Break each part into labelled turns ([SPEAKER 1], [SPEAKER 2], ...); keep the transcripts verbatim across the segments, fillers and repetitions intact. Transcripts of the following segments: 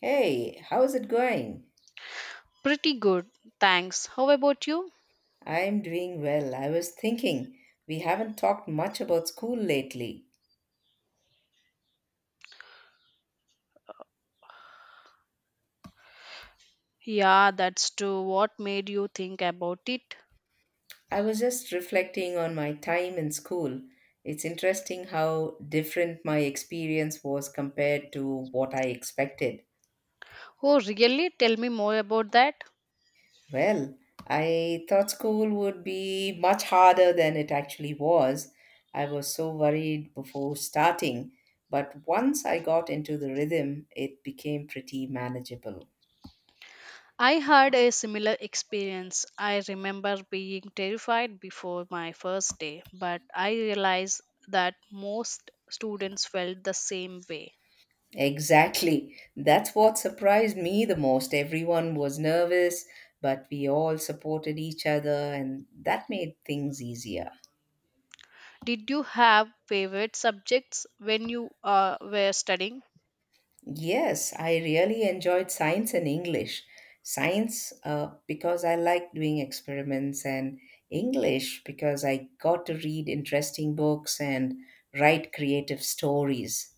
[SPEAKER 1] Hey, how's it going?
[SPEAKER 2] Pretty good, thanks. How about you?
[SPEAKER 1] I'm doing well. I was thinking we haven't talked much about school lately.
[SPEAKER 2] Yeah, that's true. What made you think about it?
[SPEAKER 1] I was just reflecting on my time in school. It's interesting how different my experience was compared to what I expected.
[SPEAKER 2] Oh, really? Tell me more about that.
[SPEAKER 1] Well, I thought school would be much harder than it actually was. I was so worried before starting, but once I got into the rhythm, it became pretty manageable.
[SPEAKER 2] I had a similar experience. I remember being terrified before my first day, but I realized that most students felt the same way.
[SPEAKER 1] Exactly. That's what surprised me the most. Everyone was nervous, but we all supported each other, and that made things easier.
[SPEAKER 2] Did you have favorite subjects when you uh, were studying?
[SPEAKER 1] Yes, I really enjoyed science and English. Science, uh, because I like doing experiments, and English, because I got to read interesting books and write creative stories.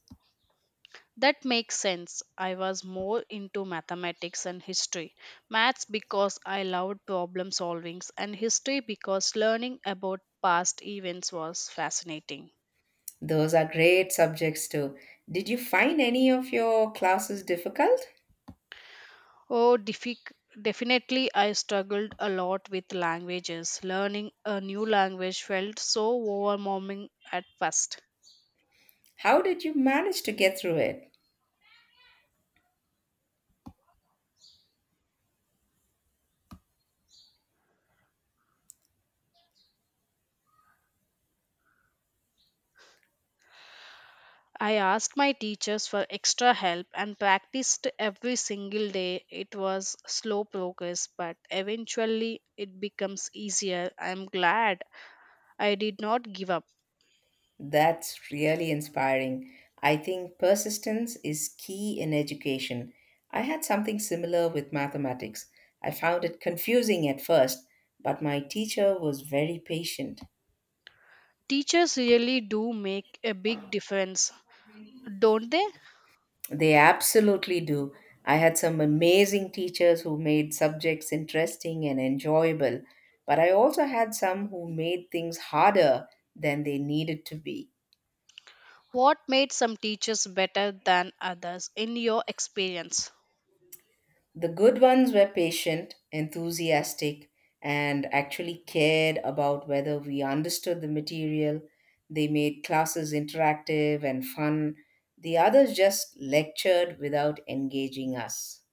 [SPEAKER 2] That makes sense. I was more into mathematics and history. Maths because I loved problem solving and history because learning about past events was fascinating.
[SPEAKER 1] Those are great subjects, too. Did you find any of your classes difficult?
[SPEAKER 2] Oh, defic- Definitely, I struggled a lot with languages. Learning a new language felt so overwhelming at first.
[SPEAKER 1] How did you manage to get through it?
[SPEAKER 2] I asked my teachers for extra help and practiced every single day. It was slow progress, but eventually it becomes easier. I'm glad I did not give up.
[SPEAKER 1] That's really inspiring. I think persistence is key in education. I had something similar with mathematics. I found it confusing at first, but my teacher was very patient.
[SPEAKER 2] Teachers really do make a big difference, don't they?
[SPEAKER 1] They absolutely do. I had some amazing teachers who made subjects interesting and enjoyable, but I also had some who made things harder than they needed to be.
[SPEAKER 2] What made some teachers better than others in your experience?
[SPEAKER 1] The good ones were patient, enthusiastic, and actually cared about whether we understood the material. They made classes interactive and fun. The others just lectured without engaging us.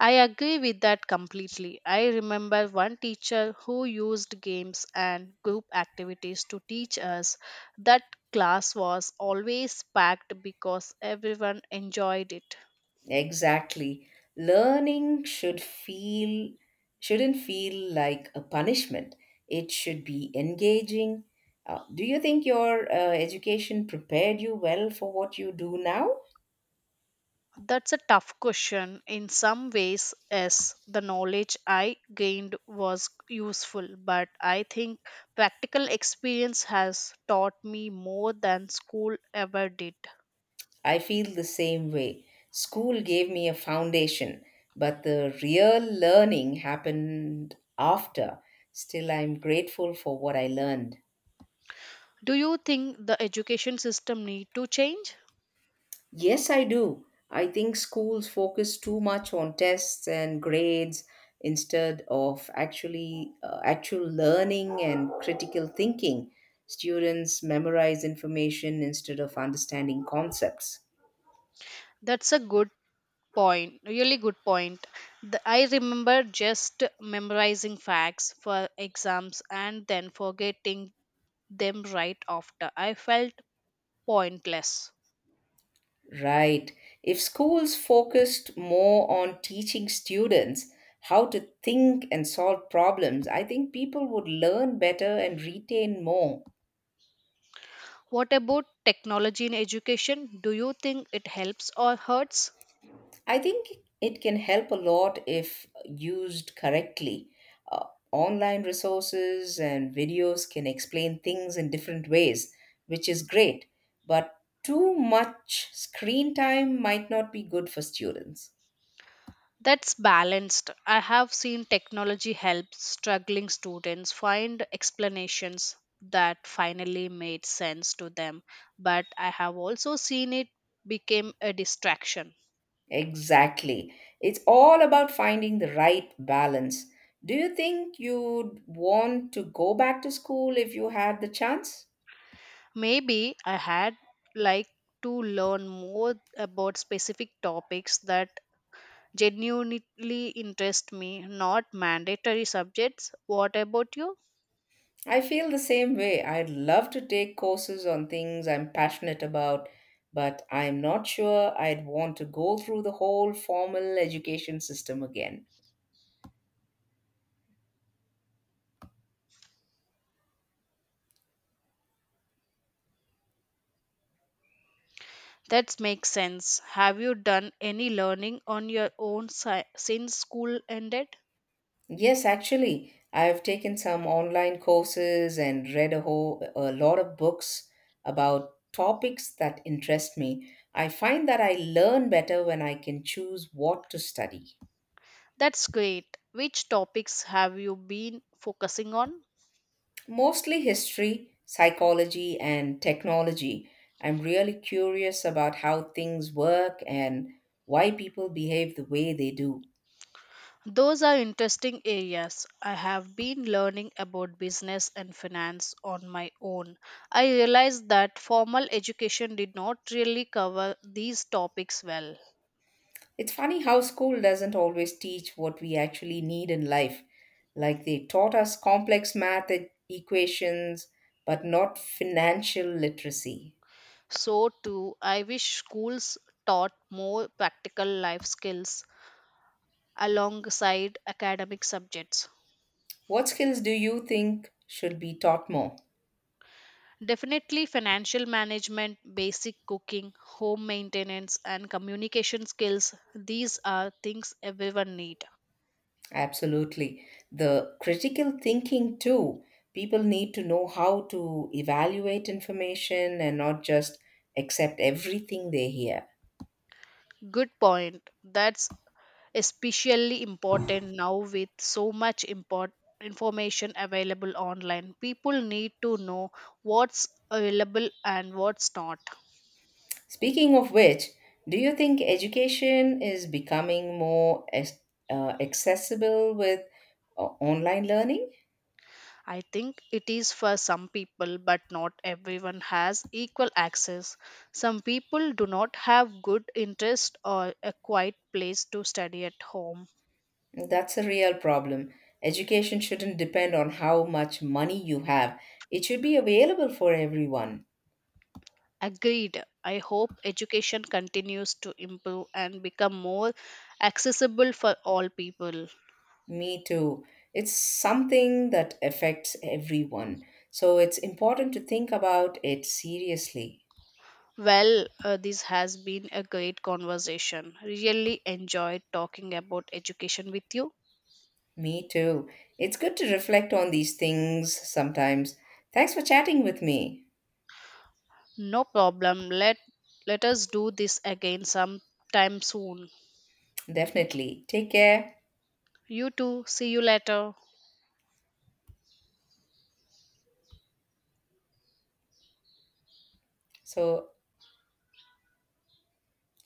[SPEAKER 2] I agree with that completely. I remember one teacher who used games and group activities to teach us that class was always packed because everyone enjoyed it.
[SPEAKER 1] Exactly. Learning should feel Shouldn't feel like a punishment. It should be engaging. Uh, do you think your uh, education prepared you well for what you do now?
[SPEAKER 2] That's a tough question. In some ways, yes, the knowledge I gained was useful, but I think practical experience has taught me more than school ever did.
[SPEAKER 1] I feel the same way. School gave me a foundation, but the real learning happened after. Still, I'm grateful for what I learned.
[SPEAKER 2] Do you think the education system need to change?
[SPEAKER 1] Yes, I do. I think schools focus too much on tests and grades instead of actually uh, actual learning and critical thinking. Students memorize information instead of understanding concepts.
[SPEAKER 2] That's a good point, really good point. The- I remember just memorizing facts for exams and then forgetting them right after. I felt pointless.
[SPEAKER 1] Right. If schools focused more on teaching students how to think and solve problems, I think people would learn better and retain more.
[SPEAKER 2] What about technology in education? Do you think it helps or hurts?
[SPEAKER 1] I think it can help a lot if used correctly. Uh, Online resources and videos can explain things in different ways, which is great, but too much screen time might not be good for students.
[SPEAKER 2] That's balanced. I have seen technology help struggling students find explanations that finally made sense to them, but I have also seen it became a distraction.
[SPEAKER 1] Exactly. It's all about finding the right balance. Do you think you'd want to go back to school if you had the chance?
[SPEAKER 2] Maybe I had like to learn more about specific topics that genuinely interest me, not mandatory subjects. What about you?
[SPEAKER 1] I feel the same way. I'd love to take courses on things I'm passionate about, but I'm not sure I'd want to go through the whole formal education system again.
[SPEAKER 2] That makes sense. Have you done any learning on your own si- since school ended?
[SPEAKER 1] Yes, actually, I have taken some online courses and read a whole a lot of books about topics that interest me. I find that I learn better when I can choose what to study.
[SPEAKER 2] That's great. Which topics have you been focusing on?
[SPEAKER 1] Mostly history, psychology, and technology. I'm really curious about how things work and why people behave the way they do.
[SPEAKER 2] Those are interesting areas. I have been learning about business and finance on my own. I realized that formal education did not really cover these topics well.
[SPEAKER 1] It's funny how school doesn't always teach what we actually need in life. Like they taught us complex math e- equations, but not financial literacy.
[SPEAKER 2] So, too, I wish schools taught more practical life skills alongside academic subjects.
[SPEAKER 1] What skills do you think should be taught more?
[SPEAKER 2] Definitely, financial management, basic cooking, home maintenance, and communication skills, these are things everyone need.
[SPEAKER 1] Absolutely. The critical thinking, too. People need to know how to evaluate information and not just accept everything they hear.
[SPEAKER 2] Good point. That's especially important now. With so much import information available online, people need to know what's available and what's not.
[SPEAKER 1] Speaking of which, do you think education is becoming more as, uh, accessible with uh, online learning?
[SPEAKER 2] I think it is for some people, but not everyone has equal access. Some people do not have good interest or a quiet place to study at home.
[SPEAKER 1] That's a real problem. Education shouldn't depend on how much money you have, it should be available for everyone.
[SPEAKER 2] Agreed. I hope education continues to improve and become more accessible for all people.
[SPEAKER 1] Me too. It's something that affects everyone. So it's important to think about it seriously.
[SPEAKER 2] Well, uh, this has been a great conversation. Really enjoyed talking about education with you.
[SPEAKER 1] Me too. It's good to reflect on these things sometimes. Thanks for chatting with me.
[SPEAKER 2] No problem. Let let us do this again sometime soon.
[SPEAKER 1] Definitely. Take care.
[SPEAKER 2] You too. See you later.
[SPEAKER 1] So,